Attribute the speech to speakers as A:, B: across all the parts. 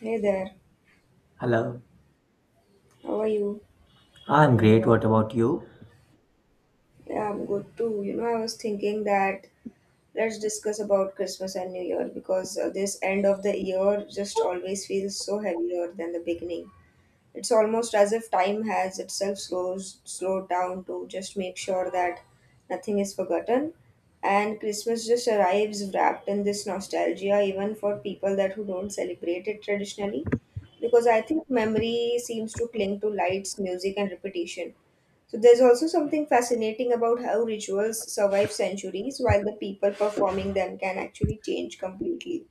A: Hey there,
B: Hello,
A: how are you?
B: I'm great. What about you?
A: Yeah, I'm good too. You know, I was thinking that let's discuss about Christmas and New Year because this end of the year just always feels so heavier than the beginning. It's almost as if time has itself slows slowed down to just make sure that nothing is forgotten, and Christmas just arrives wrapped in this nostalgia, even for people that who don't celebrate it traditionally. Because I think memory seems to cling to lights, music, and repetition. So there's also something fascinating about how rituals survive centuries while the people performing them can actually change completely.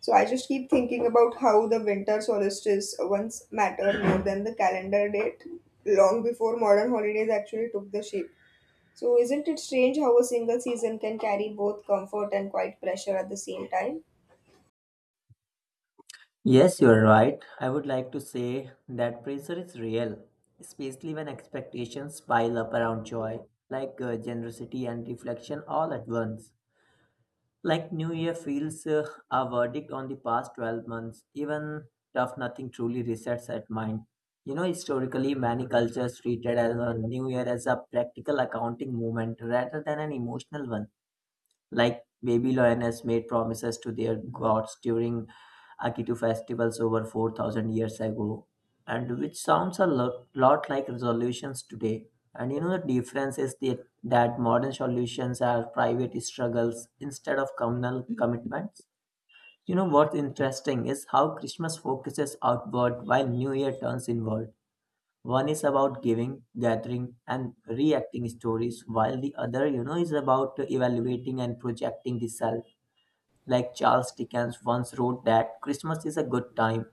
A: So I just keep thinking about how the winter solstice once mattered more than the calendar date long before modern holidays actually took the shape. So isn't it strange how a single season can carry both comfort and quite pressure at the same time?
B: Yes, you're right. I would like to say that pressure is real, especially when expectations pile up around joy, like generosity and reflection all at once. Like New Year feels a verdict on the past 12 months, even tough nothing truly resets at mind. You know, historically, many cultures treated as a New Year as a practical accounting moment rather than an emotional one. Like baby lioness made promises to their gods during Akitu festivals over 4000 years ago, and which sounds a lot like resolutions today. And you know, the difference is that modern solutions are private struggles instead of communal commitments. You know, what's interesting is how Christmas focuses outward while New Year turns inward. One is about giving, gathering, and reacting stories, while the other, you know, is about evaluating and projecting the self. Like Charles Dickens once wrote that Christmas is a good time,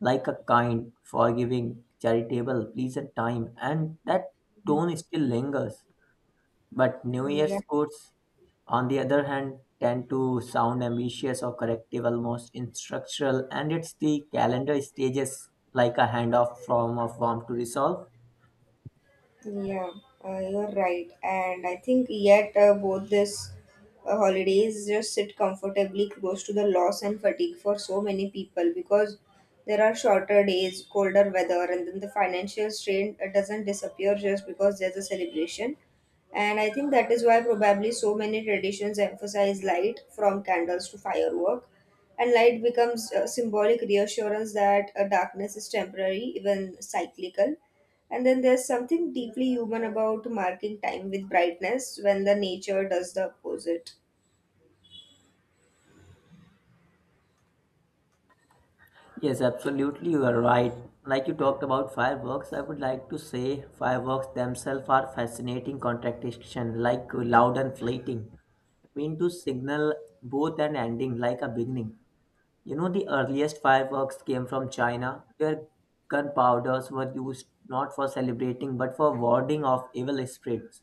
B: like a kind, forgiving, charitable, pleasant time, and that
A: Mhm.
B: tone still lingers. But New
A: Yeah.
B: Year's quotes, on the other hand, tend to sound ambitious or corrective, almost instructional, and it's the calendar stages like a handoff from a form to resolve.
A: Yeah, you're right. And I think yet both this holidays just sit comfortably close to the loss and fatigue for so many people because there are shorter days, colder weather, and then the financial strain doesn't disappear just because there's a celebration. And I think that is why probably so many traditions emphasize light from candles to firework. And light becomes a symbolic reassurance that darkness is temporary, even cyclical, and then there's something deeply human about marking time with brightness when the nature does the opposite.
B: Yes, absolutely, you are right. Like you talked about fireworks, I would like to say fireworks themselves are fascinating contradiction, like loud and fleeting, mean to signal both an ending, like a beginning. You know, the earliest fireworks came from China, where gunpowders were used not for celebrating but for warding off evil spirits.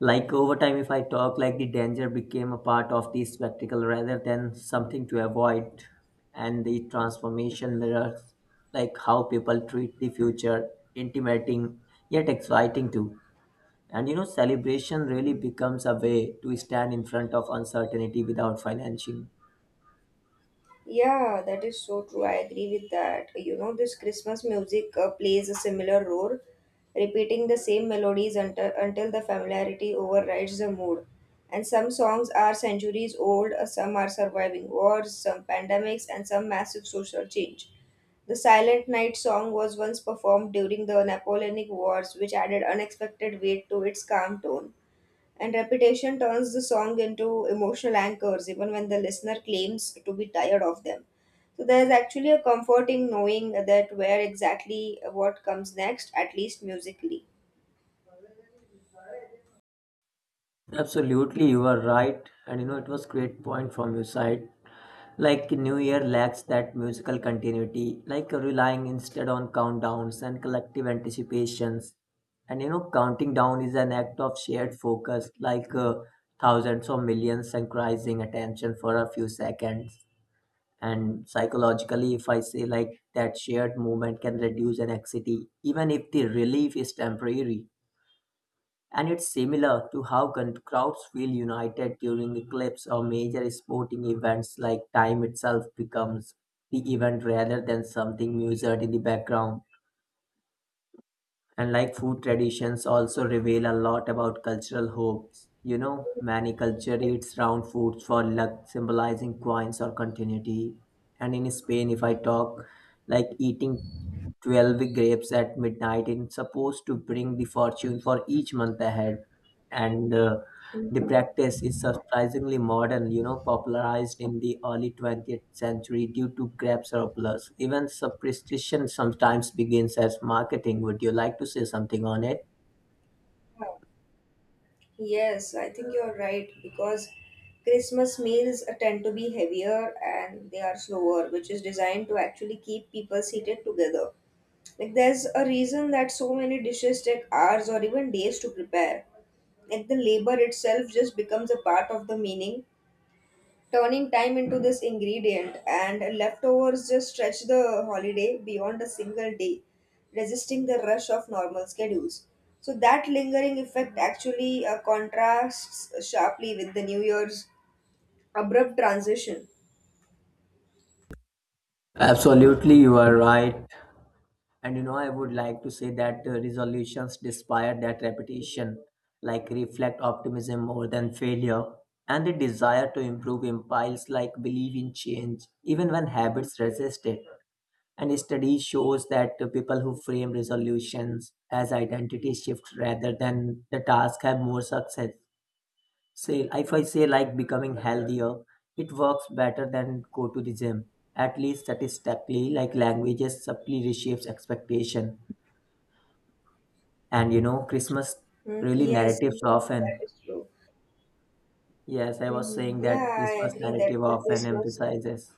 B: Like over time, if I talk, like the danger became a part of the spectacle rather than something to avoid, and the transformation mirrors like how people treat the future, intimidating yet exciting too. And you know, celebration really
A: Hmm.
B: becomes a way to stand in front of uncertainty without financing.
A: Yeah, that is so true. I agree with that. You know, this Christmas music plays a similar role, repeating the same melodies until the familiarity overrides the mood. And some songs are centuries old, some are surviving wars, some pandemics, and some massive social change. The Silent Night song was once performed during the Napoleonic Wars, which added unexpected weight to its calm tone, and repetition turns the song into emotional anchors even when the listener claims to be tired of them. So there's actually a comfort in knowing that where exactly what comes next, at least musically.
B: Absolutely, you are right. And you know, it was great point from your side. Like New Year lacks that musical continuity, like relying instead on countdowns and collective anticipations. And you know, counting down is an act of shared focus, like thousands or millions synchronizing attention for a few seconds. And psychologically, if I say like that shared moment can reduce an anxiety, even if the relief is temporary. And it's similar to how crowds feel united during eclipse or major sporting events, like time itself becomes the event rather than something measured in the background. And like food traditions also reveal a lot about cultural hopes. You know, many culture eats round foods for luck, symbolizing coins or continuity. And in Spain, if I talk, like eating 12 grapes at midnight is supposed to bring the fortune for each month ahead. And the practice is surprisingly modern, you know, popularized in the early 20th century due to grape surplus. Even superstition sometimes begins as marketing. Would you like to say something on it?
A: Yes, I think you're right because Christmas meals tend to be heavier and they are slower, which is designed to actually keep people seated together. Like there's a reason that so many dishes take hours or even days to prepare. Like the labor itself just becomes a part of the meaning. Turning time into this ingredient, and leftovers just stretch the holiday beyond a single day, resisting the rush of normal schedules. So that lingering effect actually contrasts sharply with the New Year's abrupt transition.
B: Absolutely, you are right. And you know, I would like to say that resolutions, despite that repetition, like reflect optimism more than failure, and the desire to improve implies like believe in change, even when habits resist it. And a study shows that the people who frame resolutions as identity shifts rather than the task have more success. Say, if I say like becoming healthier, it works better than go to the gym. At least statistically, like languages subtly reshapes expectation. And you know, Christmas
A: Hmm.
B: really
A: Yes,
B: narratives
A: that
B: often.
A: is true.
B: Yes, I was
A: Hmm.
B: saying
A: Yeah,
B: that
A: I
B: Christmas
A: agree that
B: narrative
A: the
B: often
A: Christmas
B: emphasizes.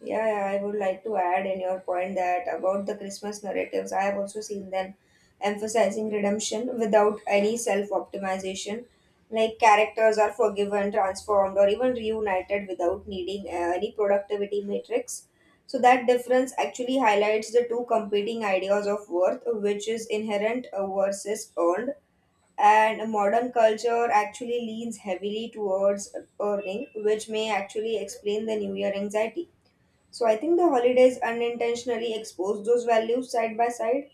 A: Yeah, yeah, I would like to add in your point that about the Christmas narratives. I have also seen them emphasizing redemption without any self optimization. Like characters are forgiven, transformed, or even reunited without needing any productivity matrix. So, that difference actually highlights the two competing ideas of worth, which is inherent versus earned. And modern culture actually leans heavily towards earning, which may actually explain the New Year anxiety. So I think the holidays unintentionally expose those values side by side.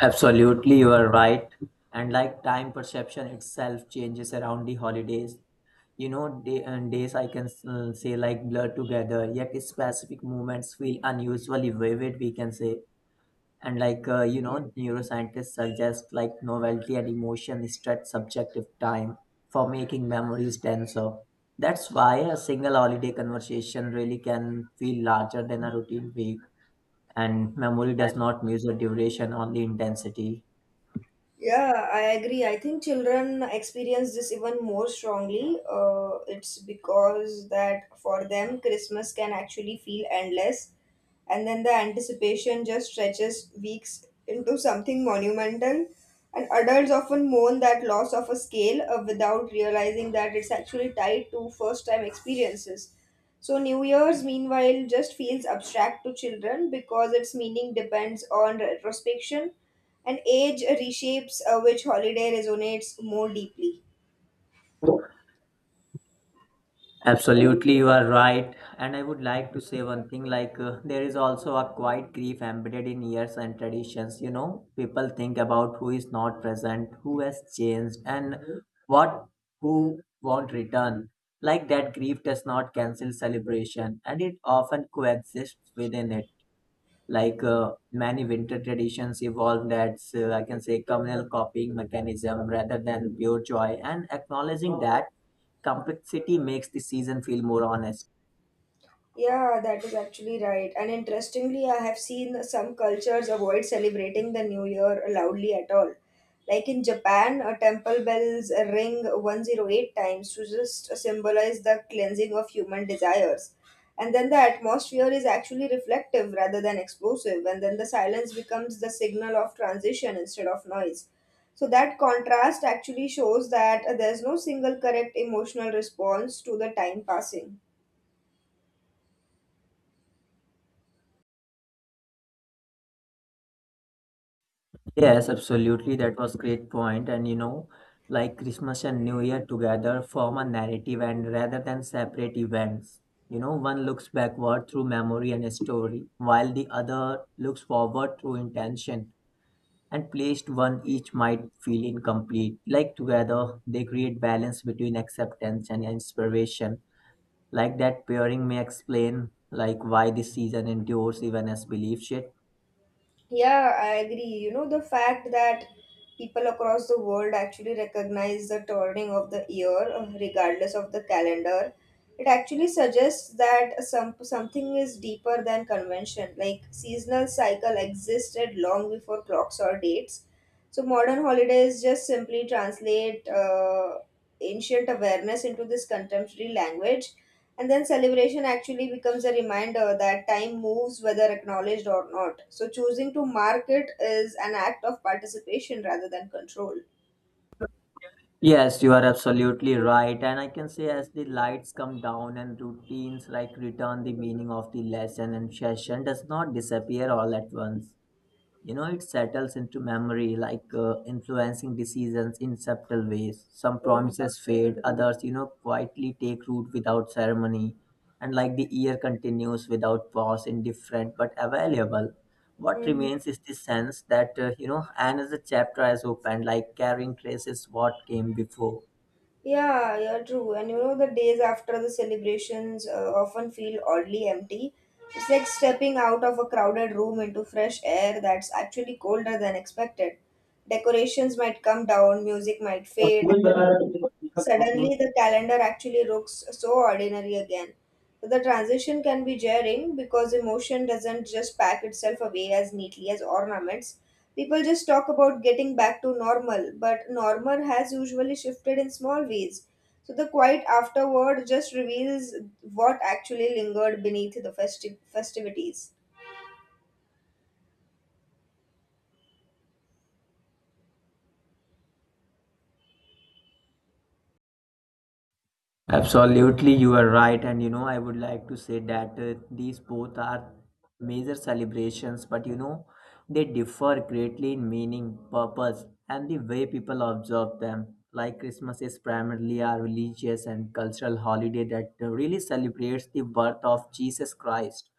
B: Absolutely, you are right. And like time perception itself changes around the holidays. You know, day and days I can say like blur together, yet specific moments feel unusually vivid, we can say. And like you know, neuroscientists suggest like novelty and emotion stretch subjective time for making memories denser. That's why a single holiday conversation really can feel larger than a routine week, and memory does not measure duration, only intensity.
A: Yeah, I agree. I think children experience this even more strongly. It's because that for them, Christmas can actually feel endless, and then the anticipation just stretches weeks into something monumental. And adults often mourn that loss of a scale without realizing that it's actually tied to first time experiences. So, New Year's, meanwhile, just feels abstract to children because its meaning depends on retrospection, and age reshapes which holiday resonates more deeply.
B: Absolutely, you are right. And I would like to say one thing like, there is also a quiet grief embedded in years and traditions. You know, people think about who is not present, who has changed, and what who won't return. Like that grief does not cancel celebration and it often coexists within it. Like many winter traditions evolved as I can say communal copying mechanism rather than pure joy, and acknowledging that complexity makes the season feel more honest.
A: Yeah, that is actually right. And interestingly, I have seen some cultures avoid celebrating the new year loudly at all. Like in Japan, temple bells ring 108 times to just symbolize the cleansing of human desires. And then the atmosphere is actually reflective rather than explosive, and then the silence becomes the signal of transition instead of noise. So that contrast actually shows that there's no single correct emotional response to the time passing.
B: Yes, absolutely, that was great point. And you know, like Christmas and New Year together form a narrative and rather than separate events. You know, one looks backward through memory and story while the other looks forward through intention, and placed one each might feel incomplete. Like together, they create balance between acceptance and inspiration. Like that pairing may explain like why this season endures even as belief shift.
A: Yeah, I agree. You know, the fact that people across the world actually recognize the turning of the year, regardless of the calendar, it actually suggests that something is deeper than convention. Like seasonal cycle existed long before clocks or dates. So modern holidays just simply translate ancient awareness into this contemporary language, and then celebration actually becomes a reminder that time moves whether acknowledged or not. So choosing to mark it is an act of participation rather than control.
B: Yes, you are absolutely right. And I can say as the lights come down and routines like return, the meaning of the lesson and session does not disappear all at once. You know, it settles into memory like influencing decisions in subtle ways. Some promises fade, others you know quietly take root without ceremony, and like the year continues without pause indifferent but available. What
A: Mhm.
B: remains is the sense that you know, another chapter has opened, like carrying traces what came before.
A: Yeah, yeah, true. And you know, the days after the celebrations often feel oddly empty. It's like stepping out of a crowded room into fresh air that's actually colder than expected. Decorations might come down, music might fade, and then suddenly, the calendar actually looks so ordinary again. The transition can be jarring because emotion doesn't just pack itself away as neatly as ornaments. People just talk about getting back to normal, but normal has usually shifted in small ways. So the quiet afterward just reveals what actually lingered beneath the festivities.
B: Absolutely, you are right. And you know, I would like to say that these both are major celebrations, but you know, they differ greatly in meaning, purpose, and the way people observe them. Like Christmas is primarily a religious and cultural holiday that really celebrates the birth of Jesus Christ.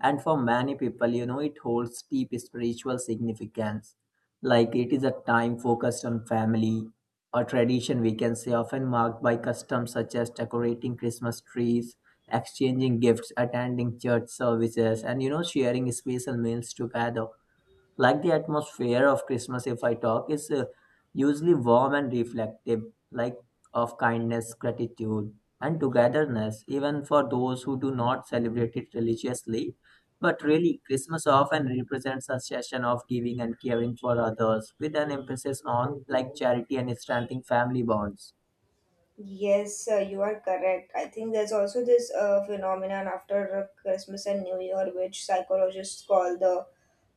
B: And for many people, you know, it holds deep spiritual significance. Like it is a time focused on family, a tradition we can say often marked by customs such as decorating Christmas trees, exchanging gifts, attending church services, and you know, sharing special meals together. Like the atmosphere of Christmas, if I talk, is usually warm and reflective, like of kindness, gratitude, and togetherness, even for those who do not celebrate it religiously. But really Christmas often represents a session of giving and caring for others with an emphasis on like charity and strengthening family bonds.
A: Yes, you are correct. I think there's also this phenomenon after Christmas and New Year, which psychologists call the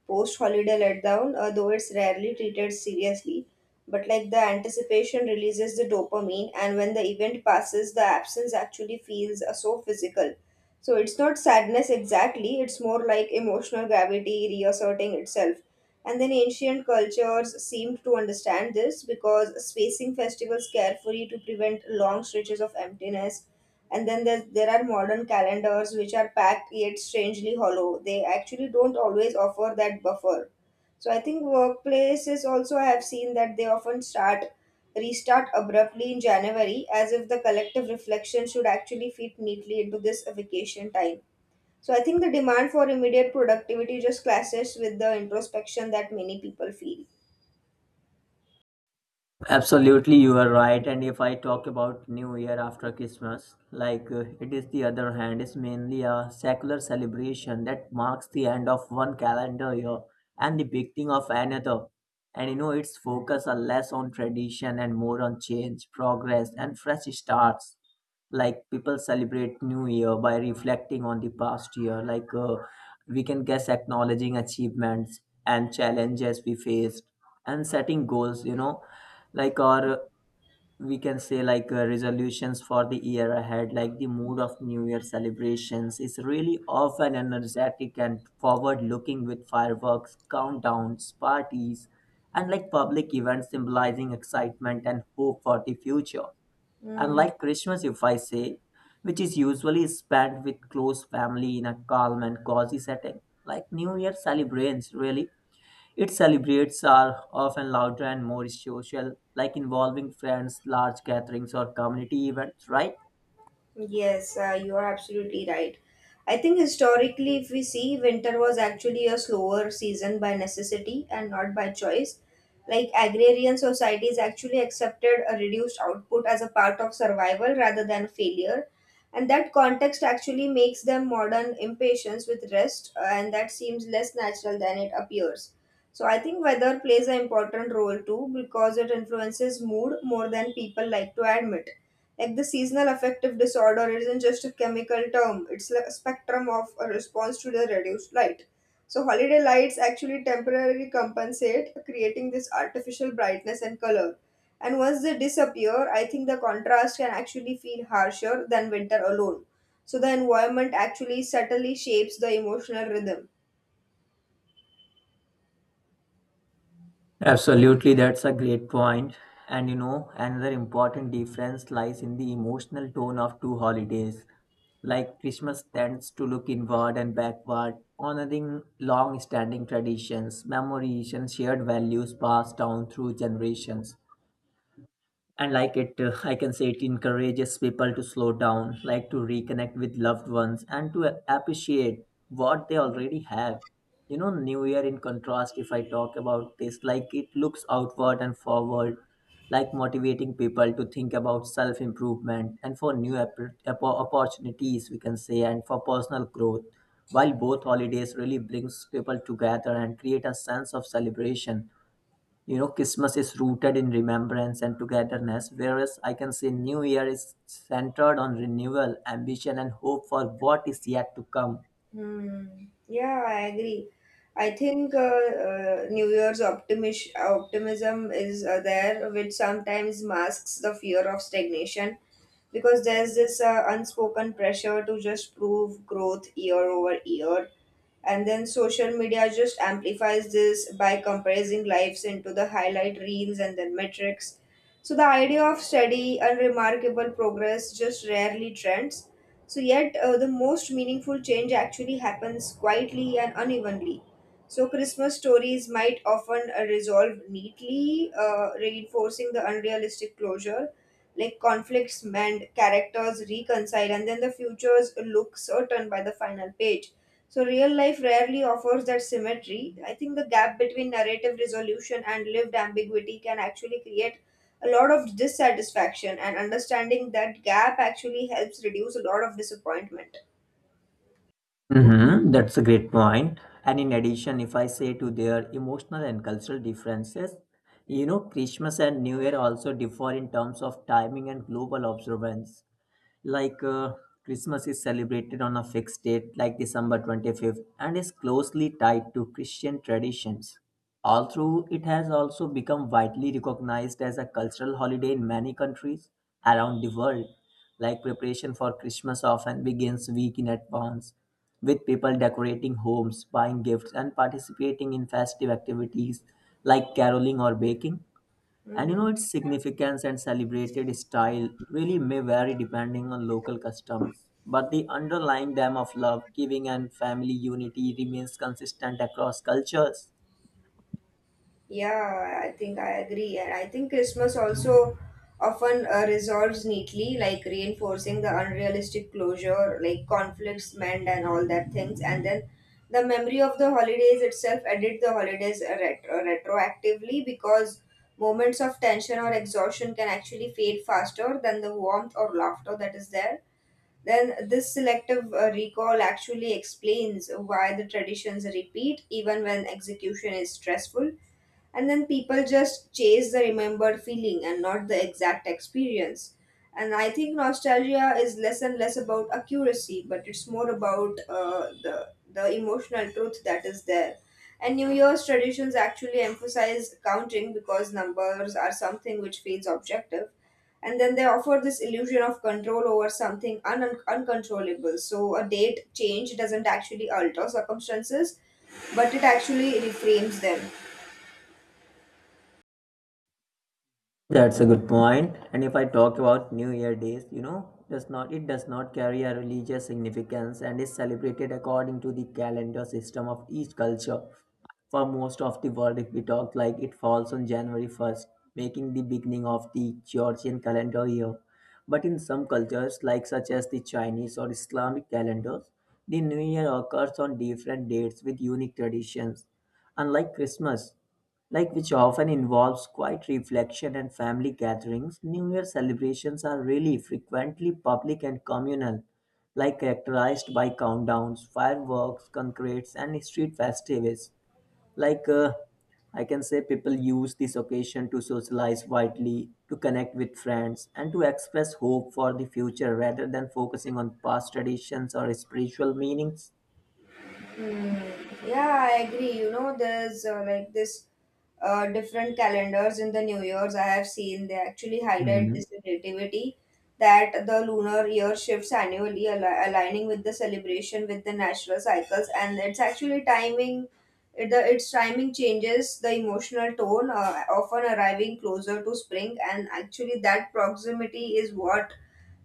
A: post holiday letdown, though it's rarely treated seriously. But like the anticipation releases the dopamine, and when the event passes, the absence actually feels so physical. So it's not sadness exactly, it's more like emotional gravity reasserting itself. And then ancient cultures seemed to understand this because spacing festivals carefully to prevent long stretches of emptiness, and then there are modern calendars which are packed yet strangely hollow. They actually don't always offer that buffer. So I think workplaces also I have seen that they often start restart abruptly in January as if the collective reflection should actually fit neatly into this vacation time. So I think the demand for immediate productivity just clashes with the introspection that many people feel.
B: Absolutely, you are right. And if I talk about New Year after Christmas, like it is the other hand, it's mainly a secular celebration that marks the end of one calendar year and the beginning of another. And you know, its focus are less on tradition and more on change, progress, and fresh starts. Like people celebrate New Year by reflecting on the past year, like we can guess acknowledging achievements and challenges we faced and setting goals, you know, like or we can say like resolutions for the year ahead. Like the mood of New Year celebrations is really often energetic and forward looking, with fireworks, countdowns, parties, and like public events symbolizing excitement and hope for the future. And
A: Hmm.
B: like Christmas, if I say, which is usually spent with close family in a calm and cozy setting, like New Year celebrations really, its celebrates are often louder and more social, like involving friends, large gatherings, or community events, right?
A: Yes, you are absolutely right. I think historically, if we see, winter was actually a slower season by necessity and not by choice. Like agrarian societies actually accepted a reduced output as a part of survival rather than failure. And that context actually makes them modern impatience with rest, and that seems less natural than it appears. So I think weather plays an important role too because it influences mood more than people like to admit. Like the seasonal affective disorder isn't just a chemical term, it's like a spectrum of a response to the reduced light. So, holiday lights actually temporarily compensate, creating this artificial brightness and color. And once they disappear, I think the contrast can actually feel harsher than winter alone. So, the environment actually subtly shapes the emotional rhythm.
B: Absolutely, that's a great point. And you know, another important difference lies in the emotional tone of two holidays. Like Christmas tends to look inward and backward, honoring long standing traditions, memories, and shared values passed down through generations. And like it I can say it encourages people to slow down, like to reconnect with loved ones and to appreciate what they already have. You know, New Year in contrast, if I talk about this, like it looks outward and forward, like motivating people to think about self improvement and for new opportunities we can say, and for personal growth. While both holidays really brings people together and create a sense of celebration, you know, Christmas is rooted in remembrance and togetherness, whereas I can say New Year is centered on renewal, ambition, and hope for what is yet to come.
A: Hmm. Yeah, I agree. I think New Year's optimism is there, which sometimes masks the fear of stagnation, because there's this unspoken pressure to just prove growth year over year, and then social media just amplifies this by compressing lives into the highlight reels and then metrics. So the idea of steady and remarkable progress just rarely trends. So yet the most meaningful change actually happens quietly and unevenly. So, Christmas stories might often resolve neatly, reinforcing the unrealistic closure. Like conflicts mend, characters reconcile, and then the futures look certain by the final page. So, real life rarely offers that symmetry. I think the gap between narrative resolution and lived ambiguity can actually create a lot of dissatisfaction, and understanding that gap actually helps reduce a lot of disappointment.
B: Mm-hmm, that's a great point. And in addition, if I say to their emotional and cultural differences, you know, Christmas and New Year also differ in terms of timing and global observance. Like Christmas is celebrated on a fixed date like December 25th and is closely tied to Christian traditions. Although it has also become widely recognized as a cultural holiday in many countries around the world, like preparation for Christmas often begins week in advance, with people decorating homes, buying gifts, and participating in festive activities like caroling or baking. And you know,
A: Mhm.
B: its significance and celebrated style really may vary depending on local customs, but the underlying theme of love, giving, and family unity remains consistent across cultures.
A: Yeah, I think I agree. And I think Christmas also often resolves neatly, like reinforcing the unrealistic closure, like conflicts mend and all that things. And then the memory of the holidays itself edit the holidays retroactively, because moments of tension or exhaustion can actually fade faster than the warmth or laughter that is there. Then this selective recall actually explains why the traditions repeat even when execution is stressful, and then people just chase the remembered feeling and not the exact experience. And I think nostalgia is less and less about accuracy, but it's more about the emotional truth that is there. And new year's traditions actually emphasize counting because numbers are something which feels objective, and then they offer this illusion of control over something uncontrollable. So a date change doesn't actually alter circumstances, but it actually reframes them.
B: That's a good point. And if I talk about New Year days, you know, does not it does not carry a religious significance and is celebrated according to the calendar system of each culture. For most of the world, if we talk like it falls on January 1st, making the beginning of the Georgian calendar year. But in some cultures, like such as the Chinese or Islamic calendars, the New Year occurs on different dates with unique traditions. Unlike Christmas, like which often involves quiet reflection and family gatherings, New Year celebrations are really frequently public and communal, like characterized by countdowns, fireworks, concretes, and street festivities. Like uh, I can say, people use this occasion to socialize widely, to connect with friends, and to express hope for the future rather than focusing on past traditions or spiritual meanings.
A: Hmm. Yeah, I agree. You know, there's like this different calendars in the New Year's I have seen. They actually highlight this relativity, that the lunar year shifts annually, aligning with the celebration with the natural cycles, and it's actually timing. Its timing changes the emotional tone, often arriving closer to spring, and actually that proximity is what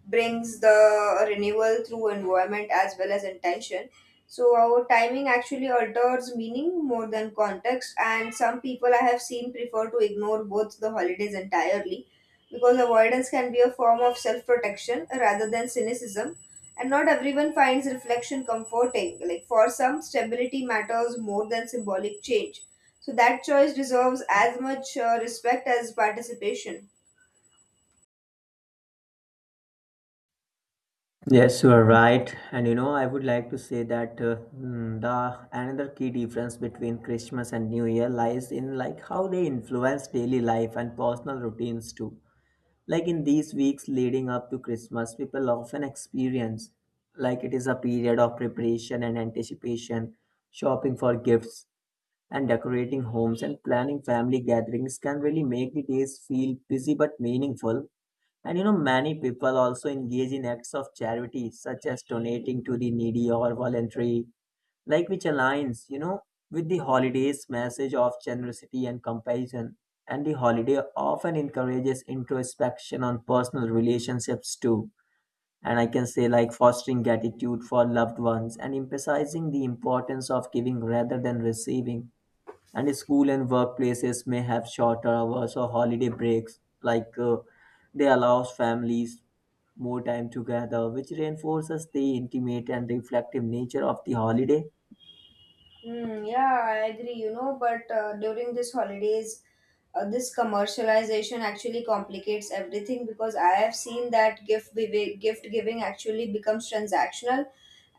A: brings the renewal through environment as well as intention. So our timing actually alters meaning more than context, and some people I have seen prefer to ignore both the holidays entirely because avoidance can be a form of self protection rather than cynicism. And not everyone finds reflection comforting. Like for some, stability matters more than symbolic change. So that choice deserves as much respect as participation.
B: Yes, you are right. And you know, I would like to say that the another key difference between Christmas and New Year lies in like how they influence daily life and personal routines too. Like in these weeks leading up to Christmas, people often experience like it is a period of preparation and anticipation, shopping for gifts and decorating homes and planning family gatherings can really make the days feel busy but meaningful. And you know, many people also engage in acts of charity, such as donating to the needy or voluntary, like which aligns, you know, with the holiday's message of generosity and compassion. And the holiday often encourages introspection on personal relationships too. And I can say, like, fostering gratitude for loved ones and emphasizing the importance of giving rather than receiving. And school and workplaces may have shorter hours or holiday breaks, they allow families more time together, which reinforces the intimate and reflective nature of the holiday.
A: Mm, yeah, I agree, but during this holidays, this commercialization actually complicates everything because I have seen that gift giving actually becomes transactional,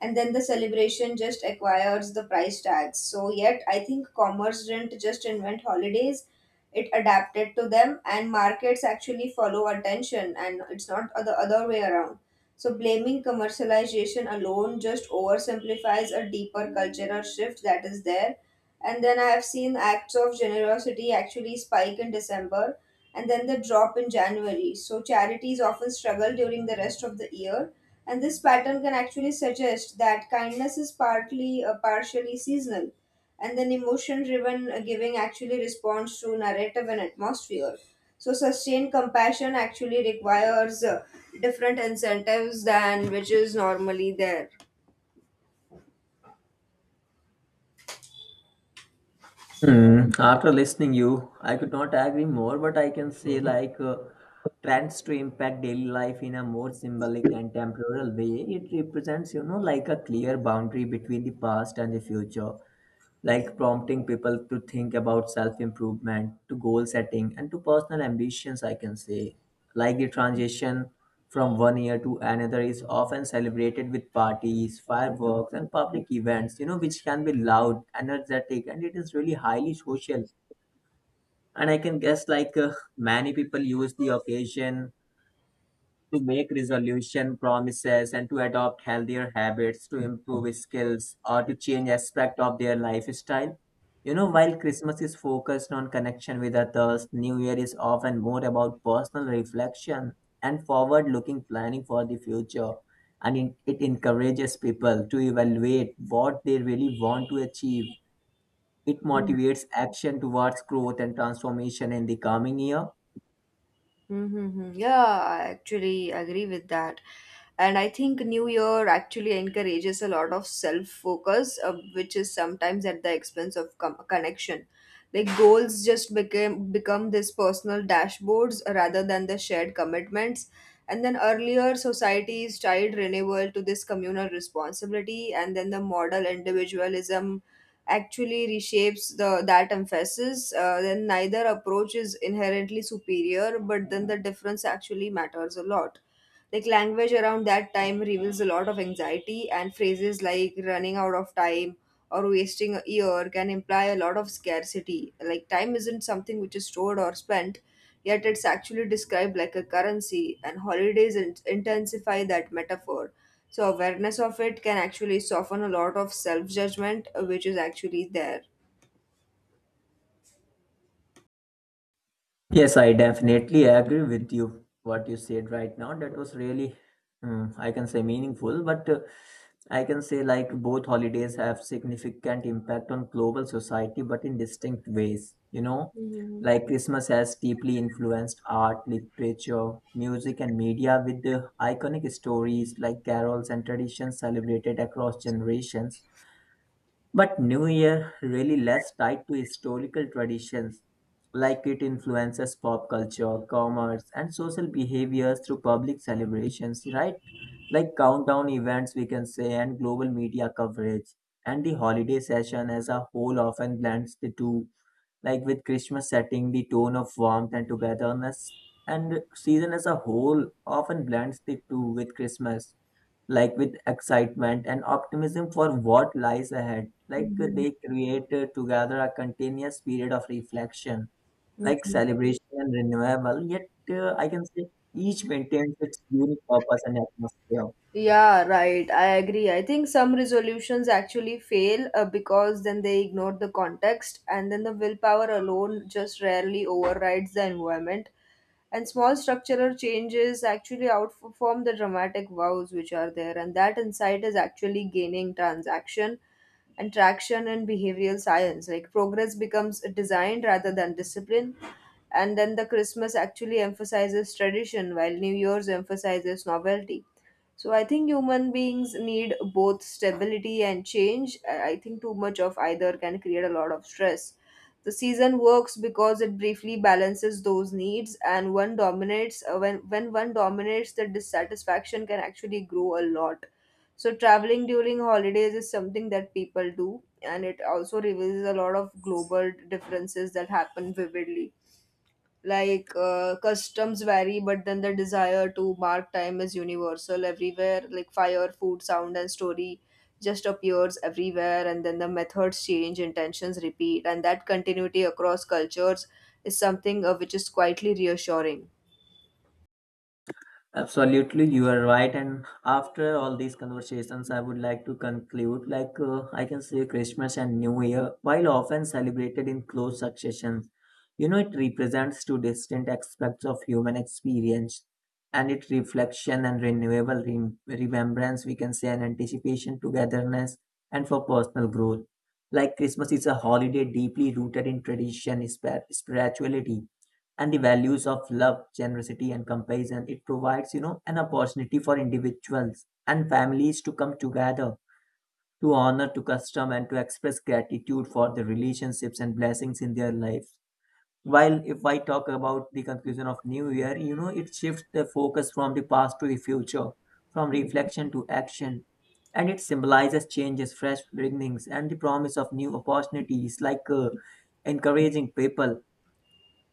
A: and then the celebration just acquires the price tags. So, yet, I think commerce didn't just invent holidays, it adapted to them, and markets actually follow attention, and it's not the other way around. So, blaming commercialization alone just oversimplifies a deeper cultural shift that is there. And then I have seen acts of generosity actually spike in December and then the drop in January. So, charities often struggle during the rest of the year, and this pattern can actually suggest that kindness is partly partially seasonal, and then emotion-driven giving actually responds to narrative and atmosphere. So sustained compassion actually requires different incentives than which is normally there.
B: Hmm. After listening you, I could not agree more, but I can say trends to impact daily life in a more symbolic and temporal way. It represents, you know, like a clear boundary between the past and the future, like prompting people to think about self improvement, to goal setting, and to personal ambitions, I can say. Like the transition from one year to another is often celebrated with parties, fireworks, and public events, you know, which can be loud, energetic, and it is really highly social. And I can guess many people use the occasion to make resolution promises and to adopt healthier habits to improve skills or to change aspect of their lifestyle. You know, while Christmas is focused on connection with others, new year is often more about personal reflection and forward looking planning for the future. And it encourages people to evaluate what they really want to achieve. It motivates action towards growth and transformation in the coming year.
A: Mm-hmm. Yeah, I actually agree with that. And I think New Year actually encourages a lot of self focus, which is sometimes at the expense of connection. Like goals just became become this personal dashboards rather than the shared commitments. And then earlier societies tied renewal to this communal responsibility, and then the model individualism actually reshapes the that emphasis then neither approach is inherently superior, but then the difference actually matters a lot. Like language around that time reveals a lot of anxiety, and phrases like running out of time or wasting a year can imply a lot of scarcity. Like time isn't something which is stored or spent, yet it's actually described like a currency, and holidays intensify that metaphor. So, awareness of it can actually soften a lot of self judgment, which is actually there.
B: Yes, I definitely agree with you. What you said right now, that was really, I can say meaningful, but I can say like both holidays have significant impact on global society, but in distinct ways. You know,
A: Mhm.
B: like Christmas has deeply influenced art, literature, music, and media with the iconic stories like carols and traditions celebrated across generations. But New Year really less tied to historical traditions, like it influences pop culture, commerce, and social behaviors through public celebrations, right? Like countdown events, we can say, and global media coverage. And the holiday session as a whole often blends the two, like with Christmas setting the tone of warmth and togetherness. And season as a whole often blends the two with Christmas like with excitement and optimism for what lies ahead.
A: Mhm.
B: They create together a continuous period of reflection, like
A: Mhm.
B: celebration and renewable, yet I can say each maintains its unique purpose and atmosphere.
A: Yeah, right. I agree. I think some resolutions actually fail because then they ignore the context, and then the willpower alone just rarely overrides the environment. And small structural changes actually outperform the dramatic vows which are there, and that insight is actually gaining transaction and traction in behavioral science. Like progress becomes design rather than discipline. And then the Christmas actually emphasizes tradition while New Year's emphasizes novelty. So I think human beings need both stability and change. I think too much of either can create a lot of stress. The season works because it briefly balances those needs, and one dominates when one dominates, the dissatisfaction can actually grow a lot. So traveling during holidays is something that people do, and it also reveals a lot of global differences that happen vividly. Like customs vary, but then the desire to mark time is universal everywhere. Like fire, food, sound, and story just appears everywhere, and then the methods change, intentions repeat, and that continuity across cultures is something which is quietly reassuring.
B: Absolutely, you are right. And after all these conversations, I would like to conclude I can say Christmas and New Year, while often celebrated in close succession, you know, it represents two distinct aspects of human experience and it reflection and renewable remembrance, we can say, and anticipation, togetherness, and for personal growth. Like Christmas is a holiday deeply rooted in tradition, spirituality and the values of love, generosity, and compassion. It provides, you know, an opportunity for individuals and families to come together to honor, to custom, and to express gratitude for the relationships and blessings in their lives. While if I talk about the conclusion of New Year, you know, it shifts the focus from the past to the future, from reflection to action. And it symbolizes changes, fresh beginnings, and the promise of new opportunities, encouraging people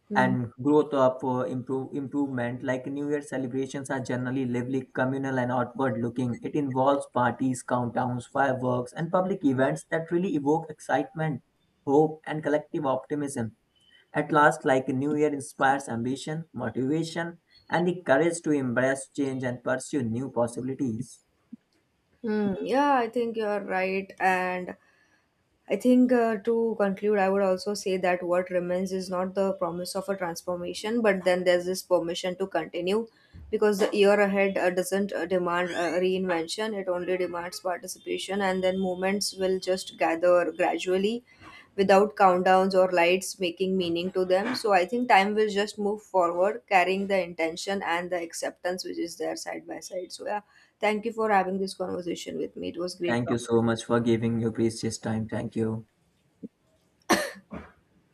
A: Hmm.
B: and growth of improvement. Like new year celebrations are generally lively, communal, and outward looking. It involves parties, countdowns, fireworks, and public events that really evoke excitement, hope, and collective optimism. At last, like new year inspires ambition, motivation, and the courage to embrace change and pursue new possibilities.
A: Hmm, yeah, I think you're right, and I think to conclude, I would also say that what remains is not the promise of a transformation, but then there's this permission to continue because the year ahead doesn't demand reinvention, it only demands participation, and then moments will just gather gradually without countdowns or lights making meaning to them. So I think time will just move forward, carrying the intention and the acceptance which is there side by side. So, yeah, thank you for having this conversation with me. It was great
B: Thank you
A: talking.
B: so much for giving your precious time. Thank you.